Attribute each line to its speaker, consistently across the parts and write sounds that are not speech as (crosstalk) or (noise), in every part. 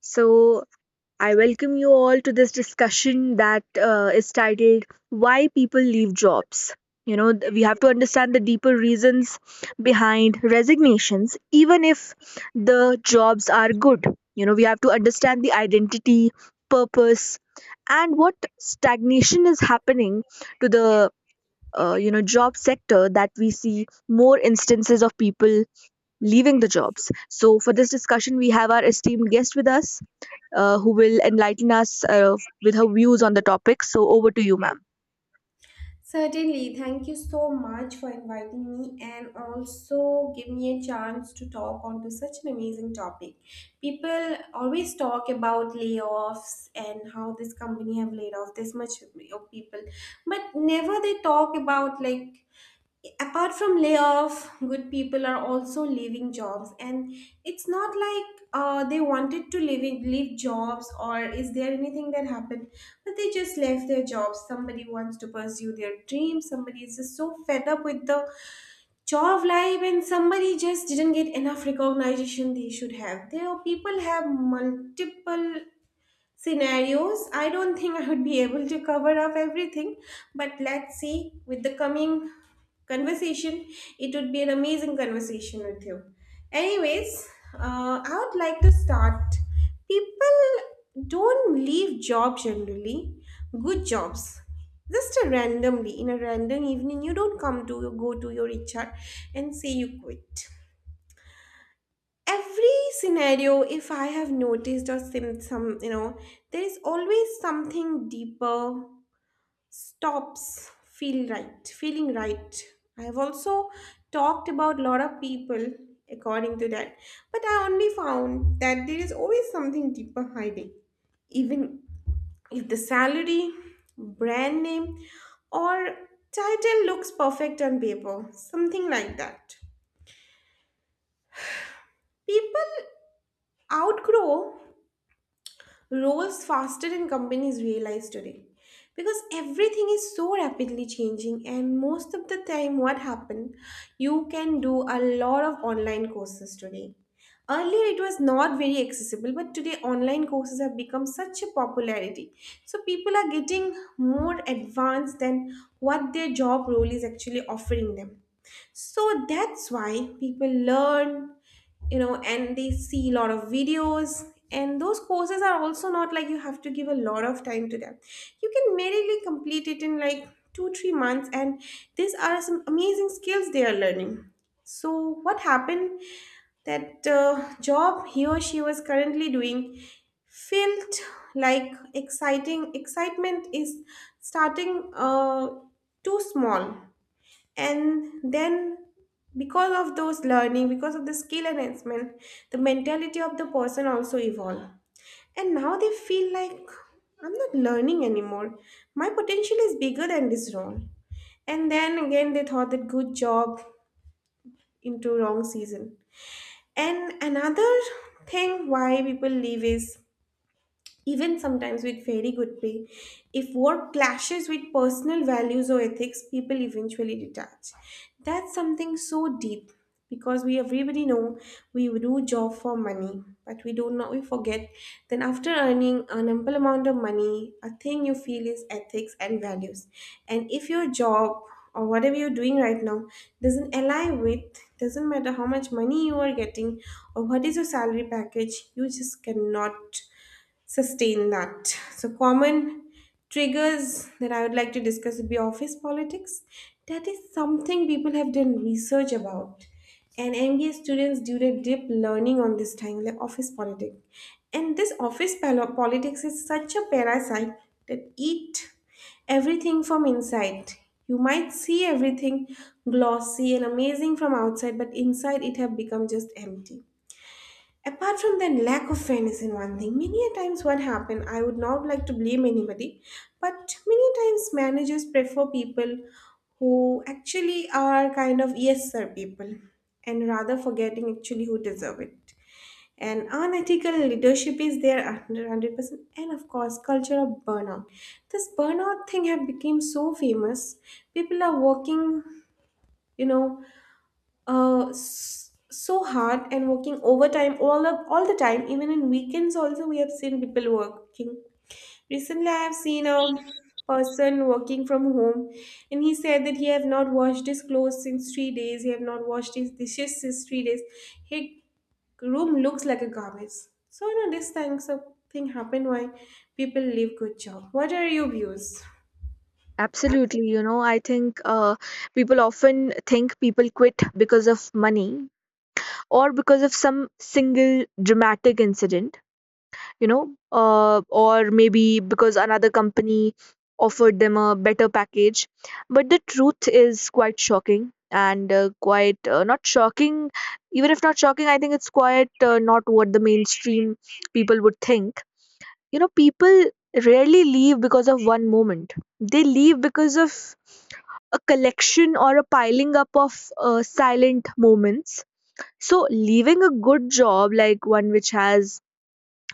Speaker 1: So, I welcome you all to this discussion that is titled Why People Leave Jobs. We have to understand the deeper reasons behind resignations, even if the jobs are good. You know, we have to understand the identity, purpose, and what stagnation is happening to the job sector, that we see more instances of people leaving the jobs. So for this discussion we have our esteemed guest with us, who will enlighten us with her views on the topic. So, over to you, ma'am.
Speaker 2: Certainly, thank you so much for inviting me and also give me a chance to talk onto such an amazing topic. People always talk about layoffs and how this company have laid off this much of people, but never they talk about like apart from layoff good people are also leaving jobs and it's not like they wanted to leaving leave jobs or is there anything that happened, but they just left their jobs. Somebody wants to pursue their dreams, somebody is just so fed up with the job life, and somebody just didn't get enough recognition they should have. There are people have multiple scenarios. I don't think I would be able to cover up everything, but let's see with the coming conversation. It would be an amazing conversation with you. Anyways, I would like to start. People don't leave jobs generally, good jobs. Just a randomly in a random evening, you don't come to go to your HR and say you quit. Every scenario, if I have noticed, or some you know, there is always something deeper, stops feel right, feeling right. I have also talked about lot of people according to that, but I only found that there is always something deeper hiding, even if the salary, brand name, or title looks perfect on paper, something like that. People outgrow rose faster than companies realize today, because everything is so rapidly changing. And most of the time what happened, you can do a lot of online courses today. Earlier it was not very accessible, but today online courses have become such a popularity, so people are getting more advanced than what their job role is actually offering them. So that's why people learn, you know, and they see a lot of videos. And those courses are also not like you have to give a lot of time to them. You can merely complete it in like two, three months. And these are some amazing skills they are learning. So, what happened? That job he or she was currently doing felt like exciting excitement is starting too small. And then because of those learning, because of the skill enhancement, the mentality of the person also evolve, and now they feel like I'm not learning anymore, my potential is bigger than this role. And then again they thought that good job into wrong season. And another thing why people leave is even sometimes with very good pay. If work clashes with personal values or ethics, people eventually detach. That's something so deep, because we everybody know we do job for money, but we don't know, we forget, then after earning an ample amount of money a thing you feel is ethics and values. And if your job or whatever you're doing right now doesn't align with, doesn't matter how much money you are getting or what is your salary package, you just cannot sustain that. So, common triggers that I would like to discuss would be office politics. That is something people have done research about. And MBA students do their deep learning on this time, like office politics. And this politics is such a parasite that eat everything from inside. You might see everything glossy and amazing from outside, but inside it have become just empty. Apart from that, lack of fairness in one thing, many a times what happened, I would not like to blame anybody, but many times managers prefer people who actually are kind of yes sir people and rather forgetting actually who deserve it. And unethical leadership is there under 100%, and of course culture of burnout. This burnout thing have become so famous. People are working, you know, so hard, and working overtime all the time, even in weekends also we have seen people working. Recently I have seen a person working from home, and he said that he have not washed his clothes since three days, he have not washed his dishes since three days, his room looks like a garbage. So you know, this thing, something happened. Why people leave good job? What are your views?
Speaker 1: Absolutely, you know, I think people often think people quit because of money or because of some single dramatic incident. you know or maybe because another company offered them a better package, but the truth is quite shocking and quite not shocking. Even if not shocking, I think it's quite not what the mainstream people would think. You know, people rarely leave because of one moment. They leave because of a collection or a piling up of silent moments. So leaving a good job, like one which has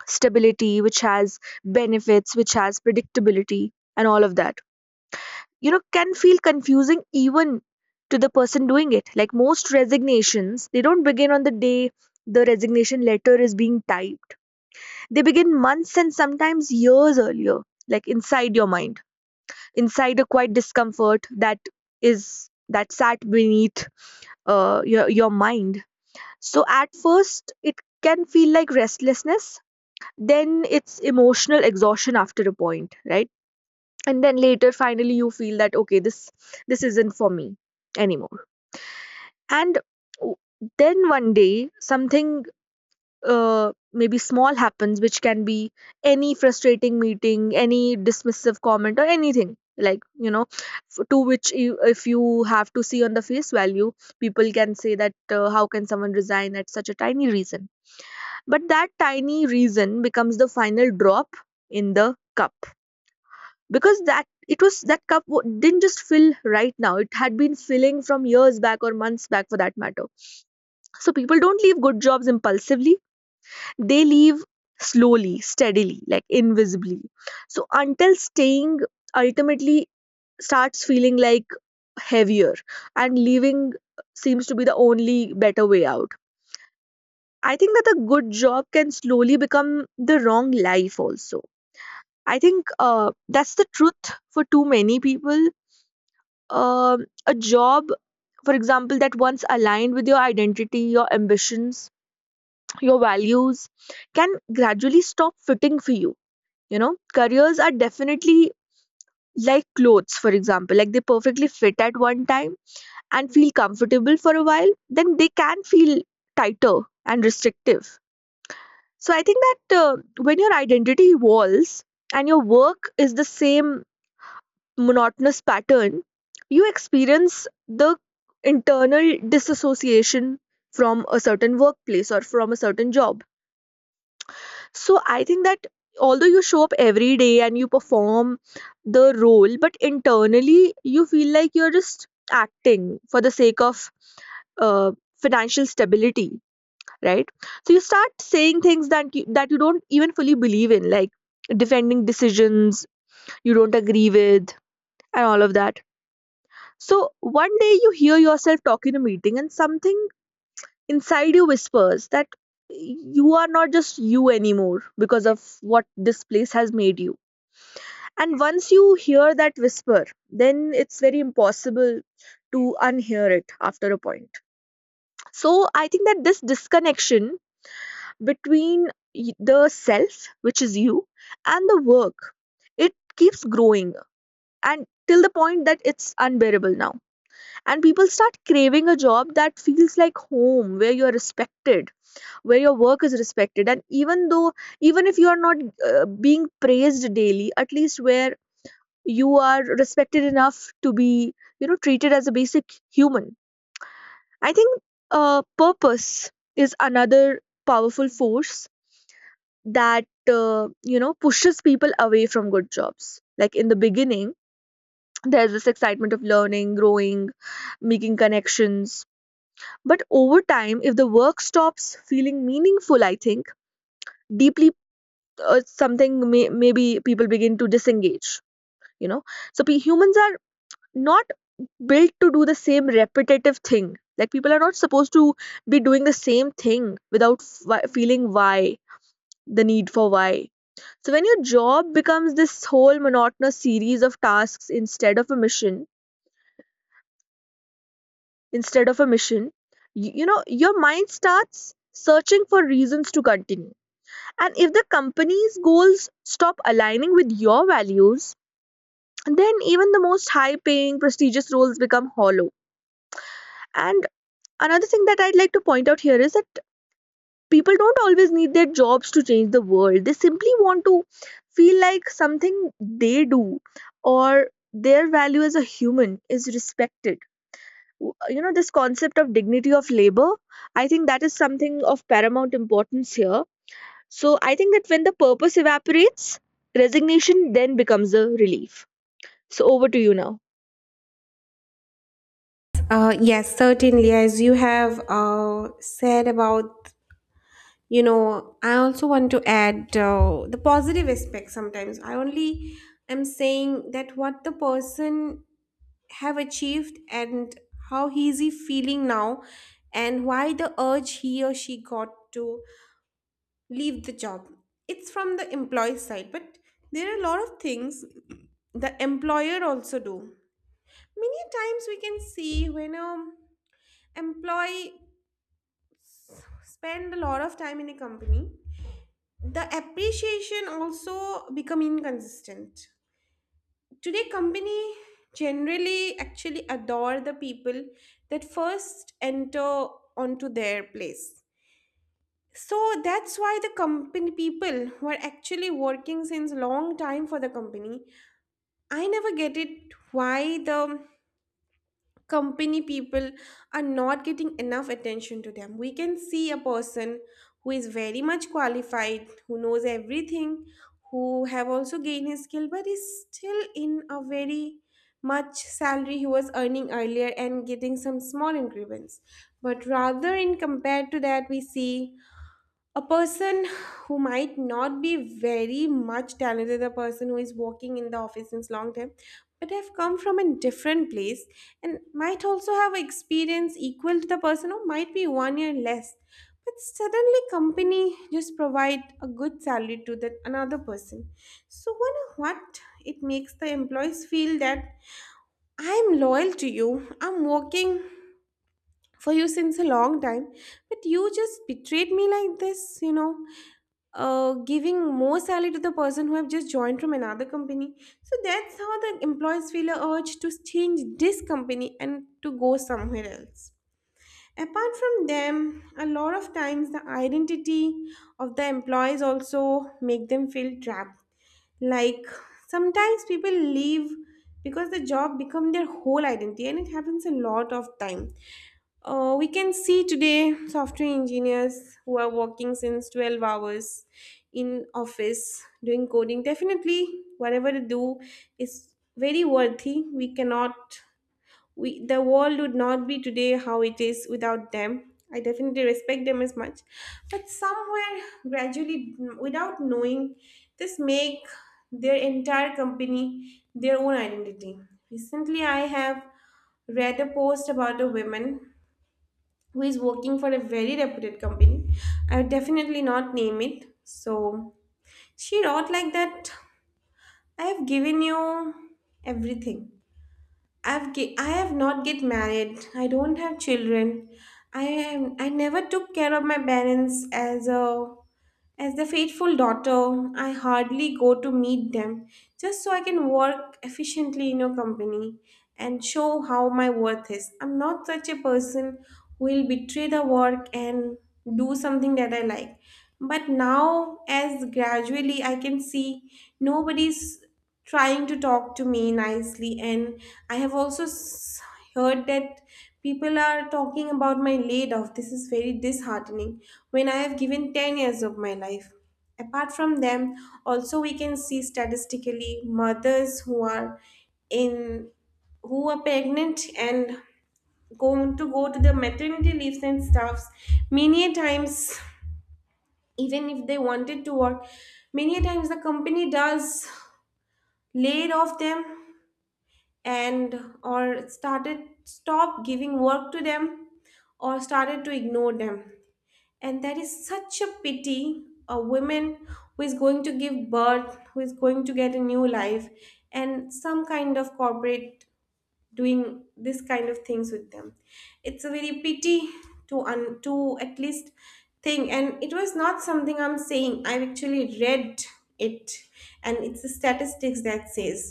Speaker 1: stability, which has benefits, which has predictability, and all of that, you know, can feel confusing even to the person doing it. Like most resignations, they don't begin on the day the resignation letter is being typed, they begin months and sometimes years earlier, like inside your mind, inside a quiet discomfort that is that sat beneath your mind. So at first it can feel like restlessness, then it's emotional exhaustion after a point, right? And then later finally you feel that okay, this isn't for me anymore. and w- then one day something maybe small happens, which can be any frustrating meeting, any dismissive comment, or anything like, you know, to which you, if you have to see on the face value, people can say that how can someone resign at such a tiny reason? But that tiny reason becomes the final drop in the cup, because that it was that cup didn't just fill right now, it had been filling from years back or months back for that matter. So people don't leave good jobs impulsively, they leave slowly, steadily, like invisibly, so until staying ultimately starts feeling like heavier and leaving seems to be the only better way out. I think that a good job can slowly become the wrong life also. I think that's the truth for too many people. A job, for example, that once aligned with your identity, your ambitions, your values, can gradually stop fitting for you. You know, careers are definitely like clothes, for example, like they perfectly fit at one time and feel comfortable for a while, then they can feel tighter and restrictive. So I think that when your identity evolves and your work is the same monotonous pattern, you experience the internal disassociation from a certain workplace or from a certain job. So I think that although you show up every day and you perform the role, but internally you feel like you're just acting for the sake of uh, financial stability, right? So you start saying things that that you don't even fully believe in, like defending decisions you don't agree with and all of that. So one day you hear yourself talk in a meeting and something inside you whispers that you are not just you anymore because of what this place has made you. And once you hear that whisper, then it's very impossible to unhear it after a point. So I think that this disconnection between the self, which is you, and the work, it keeps growing and till the point that it's unbearable now, and people start craving a job that feels like home, where you're respected, where your work is respected, and even though, even if you are not being praised daily, at least where you are respected enough to be, you know, treated as a basic human. I think purpose is another powerful force that pushes people away from good jobs. Like in the beginning there's this excitement of learning, growing, making connections. But over time, if the work stops feeling meaningful, I think deeply maybe people begin to disengage. You know, so pe humans are not built to do the same repetitive thing. Like people are not supposed to be doing the same thing without feeling why, the need for why. So when your job becomes this whole monotonous series of tasks instead of a mission, you know your mind starts searching for reasons to continue. And if the company's goals stop aligning with your values, then even the most high paying, prestigious roles become hollow. And another thing that I'd like to point out here is that people don't always need their jobs to change the world. They simply want to feel like something they do or their value as a human is respected. You know, this concept of dignity of labor, I think that is something of paramount importance here. So I think that when the purpose evaporates, resignation then becomes a relief. So over to you now.
Speaker 2: Yes, certainly. As you have said about, you know, I also want to add the positive aspect. Sometimes I only am saying that what the person have achieved, and how he is, he feeling now, and why the urge he or she got to leave the job. It's from the employee side, but there are a lot of things the employer also do. Many times we can see when a employee spend a lot of time in a company, the appreciation also become inconsistent. Today company generally actually adore the people that first enter onto their place. So that's why the company people who are actually working since long time for the company, I never get it why the company people are not getting enough attention to them. We can see a person who is very much qualified, who knows everything, who have also gained his skill, but is still in a very much salary he was earning earlier and getting some small increments. But rather, in compared to that, we see a person who might not be very much talented, a person who is working in the office since long time, but have come from a different place and might also have experience equal to the person who might be one year less. But suddenly company just provide a good salary to that another person. So wonder what it makes the employees feel, that I'm loyal to you, I'm working for you since a long time, but you just betrayed me like this, you know, giving more salary to the person who have just joined from another company. So that's how the employees feel a urge to change this company and to go somewhere else. Apart from them, a lot of times the identity of the employees also make them feel trapped. Like sometimes people leave because the job become their whole identity, and it happens a lot of time. We can see today software engineers who are working since 12 hours in office doing coding. Definitely, whatever they do is very worthy. We cannot, we the world would not be today how it is without them. I definitely respect them as much, but somewhere gradually, without knowing, this make their entire company their own identity. Recently, I have read a post about a woman who is working for a very reputed company. I would definitely not name it. So she wrote like that. I have given you everything. I have not get married. I don't have children. I never took care of my parents as a, as the faithful daughter, I hardly go to meet them, just so I can work efficiently in your company and show how my worth is. I'm not such a person who will betray the work and do something that I like. But now, as gradually I can see, nobody's trying to talk to me nicely. And I have also s- heard that people are talking about my laid off. This is very disheartening when I have given 10 years of my life. Apart from them, also we can see statistically mothers who are in, who are pregnant and going to go to the maternity leaves and stuffs, many a times even if they wanted to work, many a times the company does laid off them, and or started stop giving work to them, or started to ignore them. And that is such a pity. A woman who is going to give birth, who is going to get a new life, and some kind of corporate doing this kind of things with them, it's a very pity to to at least think. And it was not something I'm saying, I've actually read it, and it's the statistics that says,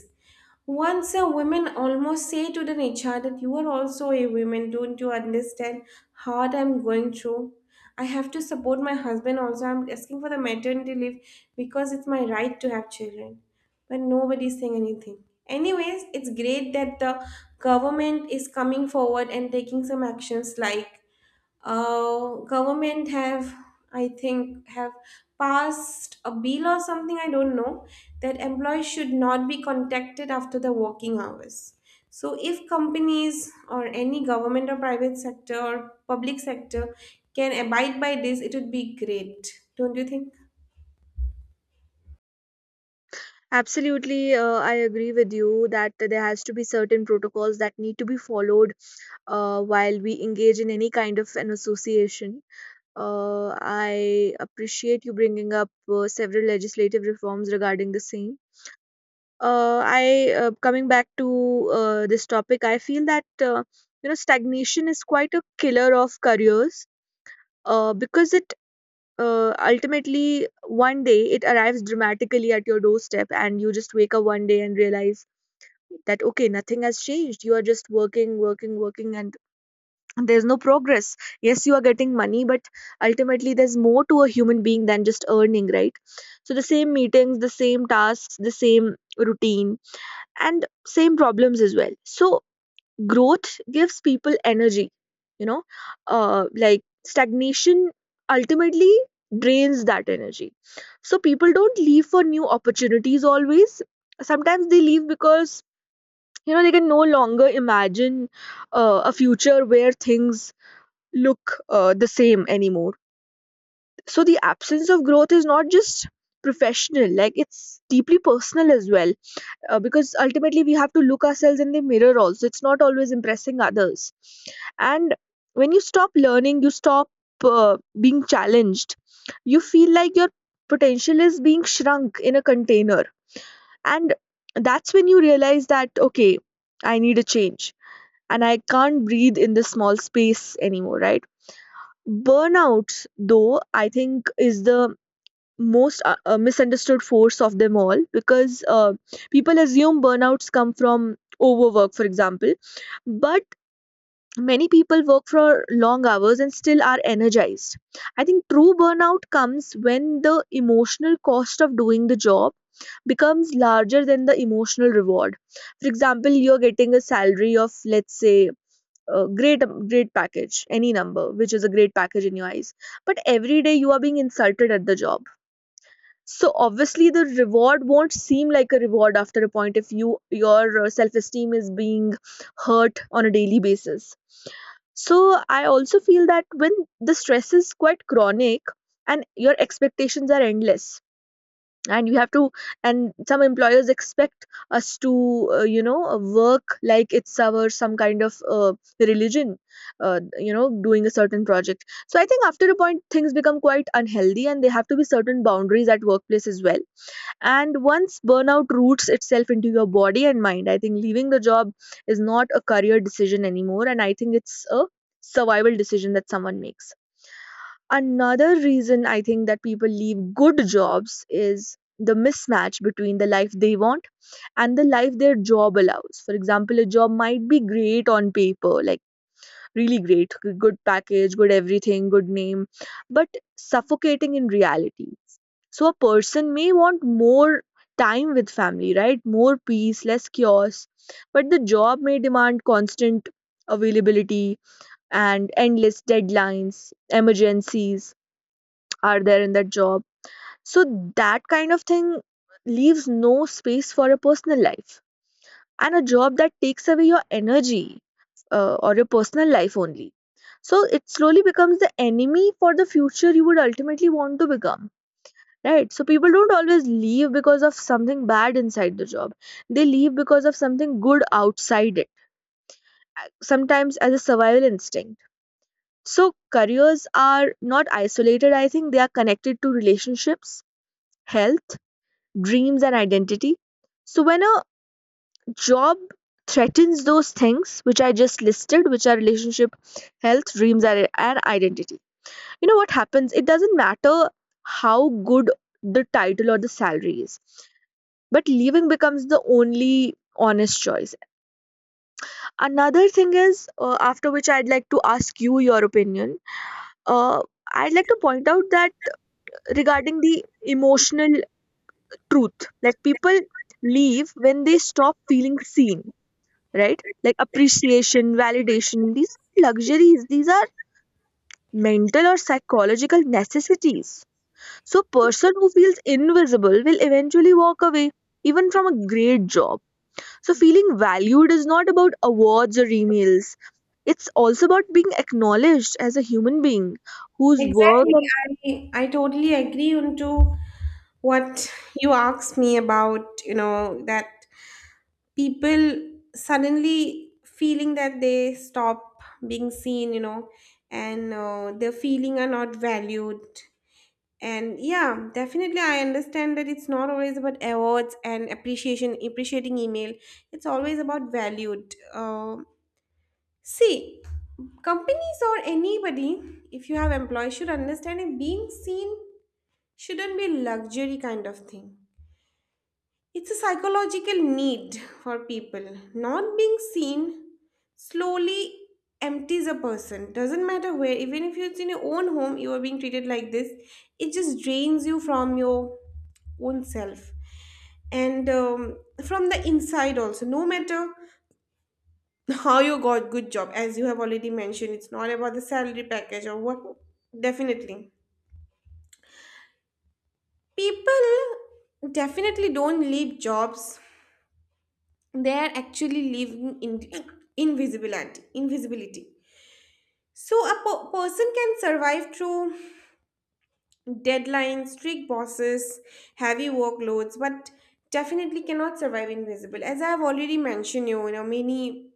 Speaker 2: once a woman almost say to the nature that you are also a woman, don't you understand how I'm going through? I have to support my husband also. I'm asking for the maternity leave because it's my right to have children. But nobody's saying anything. Anyways, it's great that the government is coming forward and taking some actions like government have I think have passed a bill or something, I don't know, that employees should not be contacted after the working hours. So if companies or any government or private sector or public sector can abide by this, it would be great, don't you think?
Speaker 1: Absolutely, I agree with you that there has to be certain protocols that need to be followed while we engage in any kind of an association. I appreciate you bringing up several legislative reforms regarding the same. I Coming back to this topic, I feel that you know stagnation is quite a killer of careers, because it ultimately one day it arrives dramatically at your doorstep and you just wake up one day and realize that okay, nothing has changed, you are just working, working, working, and there's no progress. Yes, you are getting money, but ultimately there's more to a human being than just earning, right? So the same meetings, the same tasks, the same routine, and same problems as well. So growth gives people energy, you know, like stagnation ultimately drains that energy. So people don't leave for new opportunities always, sometimes they leave because, you know, they can no longer imagine a future where things look the same anymore. So the absence of growth is not just professional, like it's deeply personal as well, because ultimately we have to look ourselves in the mirror also, it's not always impressing others. And when you stop learning, you stop being challenged, you feel like your potential is being shrunk in a container, and that's when you realize that okay, I need a change, and I can't breathe in this small space anymore, right? Burnout though I think is the most misunderstood force of them all, because people assume burnouts come from overwork, for example, but many people work for long hours and still are energized. I think true burnout comes when the emotional cost of doing the job becomes larger than the emotional reward. For example, you're getting a salary of let's say a great great package, any number which is a great package in your eyes, but every day you are being insulted at the job. So obviously the reward won't seem like a reward after a point if your self-esteem is being hurt on a daily basis. So I also feel that when the stress is quite chronic and your expectations are endless, and you have to, and some employers expect us to, work like it's our some kind of religion, doing a certain project. So I think after a point things become quite unhealthy and there have to be certain boundaries at workplace as well. And once burnout roots itself into your body and mind, I think leaving the job is not a career decision anymore, and I think it's a survival decision that someone makes. Another reason I think that people leave good jobs is the mismatch between the life they want and the life their job allows. For example, a job might be great on paper, like really great, good package, good everything, good name, but suffocating in reality. So a person may want more time with family, right? More peace, less chaos. But the job may demand constant availability and endless deadlines, emergencies are there in that job. So that kind of thing leaves no space for a personal life. And a job that takes away your energy or your personal life only. So it slowly becomes the enemy for the future you would ultimately want to become, right? So people don't always leave because of something bad inside the job, they leave because of something good outside it, sometimes as a survival instinct. So careers are not isolated, I think they are connected to relationships, health, dreams, and identity. So when a job threatens those things which I just listed, which are relationship, health, dreams, and identity, you know what happens, it doesn't matter how good the title or the salary is, but leaving becomes the only honest choice. Another thing is, after which I'd like to ask you your opinion, uh, I'd like to point out that regarding the emotional truth, like people leave when they stop feeling seen, right? Like appreciation, validation, these are luxuries, these are mental or psychological necessities. So person who feels invisible will eventually walk away even from a great job. So, feeling valued is not about awards or emails. It's also about being acknowledged as a human being whose worth
Speaker 2: Exactly, I totally agree onto what you asked me about, you know, that people suddenly feeling that they stop being seen, you know, and their feeling are not valued. And yeah, definitely I understand that it's not always about awards and appreciation, appreciating email. It's always about valued, see, companies or anybody, if you have employees, should understand that being seen shouldn't be luxury kind of thing. It's a psychological need for people. Not being seen slowly empties a person. Doesn't matter where, even if it's in your own home, you are being treated like this. It just drains you from your own self and from the inside also, no matter how you got good job. As you have already mentioned, it's not about the salary package or what. Definitely people, definitely don't leave jobs, they are actually living in invisibility. So a person can survive through deadlines, strict bosses, heavy workloads, but definitely cannot survive invisible. As I have already mentioned, you know, many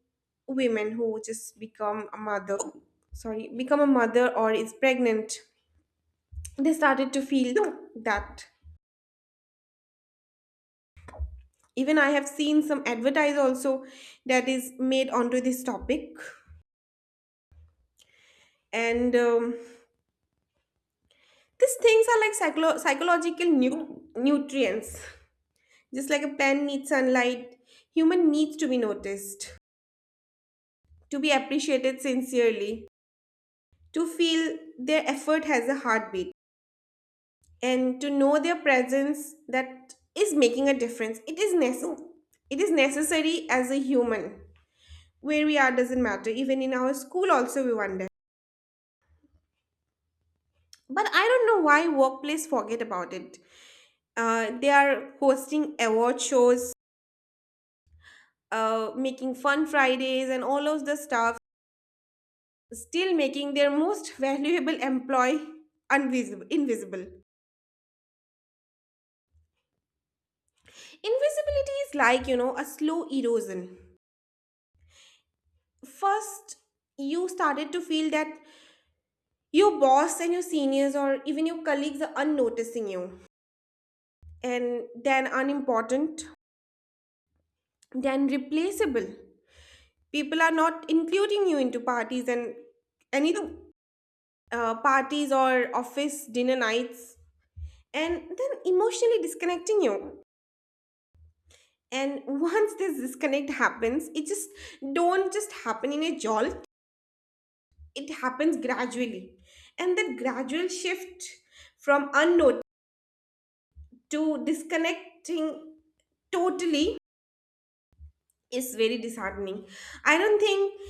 Speaker 2: women who just become a mother, sorry, become a mother or is pregnant, they started to feel that. Even I have seen some advertise also that is made onto this topic. And these things are like psychological nutrients. Just like a plant needs sunlight, human needs to be noticed, to be appreciated sincerely, to feel their effort has a heartbeat, and to know their presence that is making a difference. It is necessary. It is necessary as a human. Where we are doesn't matter. Even in our school, also we wonder. But I don't know why workplace forget about it. They are hosting award shows, making fun Fridays and all of the stuff, still making their most (laughs) valuable employee unvisible, invisible. Invisibility is like, you know, a slow erosion. First, you started to feel that your boss and your seniors or even your colleagues are unnoticing you, and then unimportant, then replaceable. People are not including you into parties and any parties or office dinner nights, and then emotionally disconnecting you. And once this disconnect happens, it just don't just happen in a jolt, it happens gradually. And that gradual shift from unknown to disconnecting totally is very disheartening. I don't think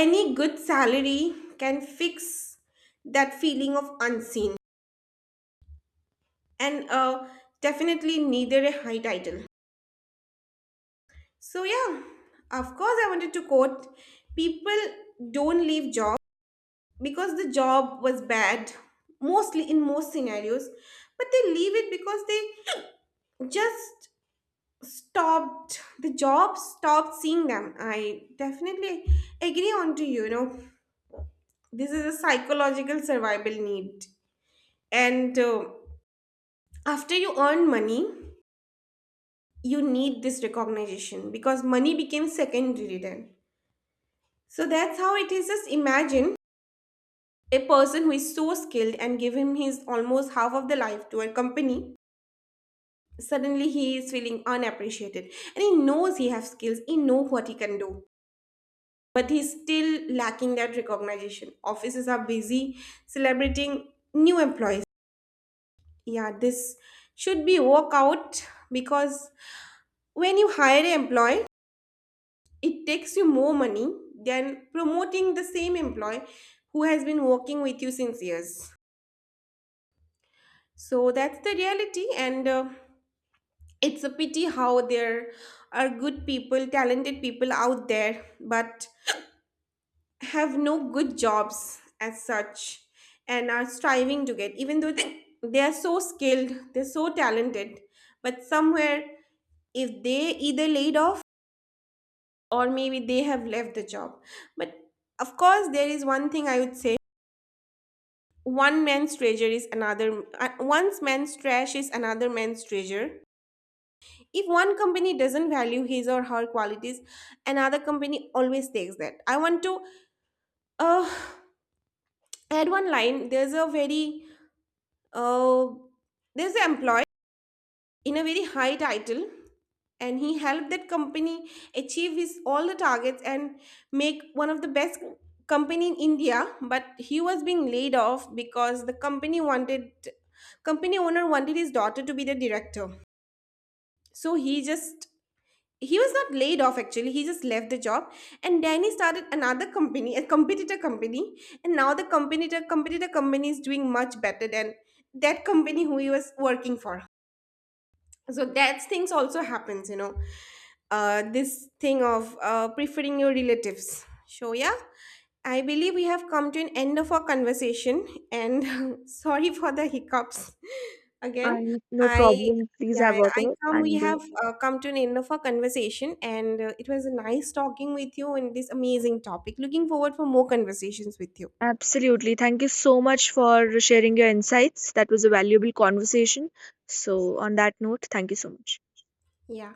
Speaker 2: any good salary can fix that feeling of unseen, and definitely neither a high title. So yeah, of course, I wanted to quote, people don't leave job because the job was bad, mostly in most scenarios, but they leave it because they just stopped, the job stopped seeing them. I definitely agree on to you, you know, this is a psychological survival need. And after you earn money, you need this recognition because money became secondary then. So that's how it is. Just imagine, a person who is so skilled and give him his almost half of the life to a company, suddenly he is feeling unappreciated. And he knows he has skills, he knows what he can do. But he's still lacking that recognition. Offices are busy celebrating new employees. Yeah, this should be work out because when you hire an employee, it takes you more money than promoting the same employee who has been working with you since years. So that's the reality, and it's a pity how there are good people, talented people out there, but have no good jobs as such and are striving to get, even though they are so skilled, they're so talented, but somewhere if they either laid off or maybe they have left the job. But of course, there is one thing I would say, one man's treasure is another, one man's trash is another man's treasure. If one company doesn't value his or her qualities, another company always takes that. I want to uh, add one line. There's a very uh, there's an employee in a very high title, and he helped that company achieve his all the targets and make one of the best company in India. But he was being laid off because the company owner wanted his daughter to be the director. So he just, he was not laid off actually, he just left the job. And then he started another company, a competitor company. And now the competitor company is doing much better than that company who he was working for. So that things also happens, you know, this thing of preferring your relatives. So yeah, I believe we have come to an end of our conversation, and (laughs) sorry for the hiccups (laughs) again.
Speaker 1: and no
Speaker 2: I
Speaker 1: problem. Please
Speaker 2: Yeah, yeah,
Speaker 1: have
Speaker 2: I
Speaker 1: water.
Speaker 2: come we
Speaker 1: And
Speaker 2: have come to an end of our conversation, and it was nice talking with you in this amazing topic. Looking forward for more conversations with you. So,
Speaker 1: absolutely. Thank you so much for sharing your insights. That was a valuable conversation. So,
Speaker 2: so,
Speaker 1: on that note, thank you so much.
Speaker 2: yeah,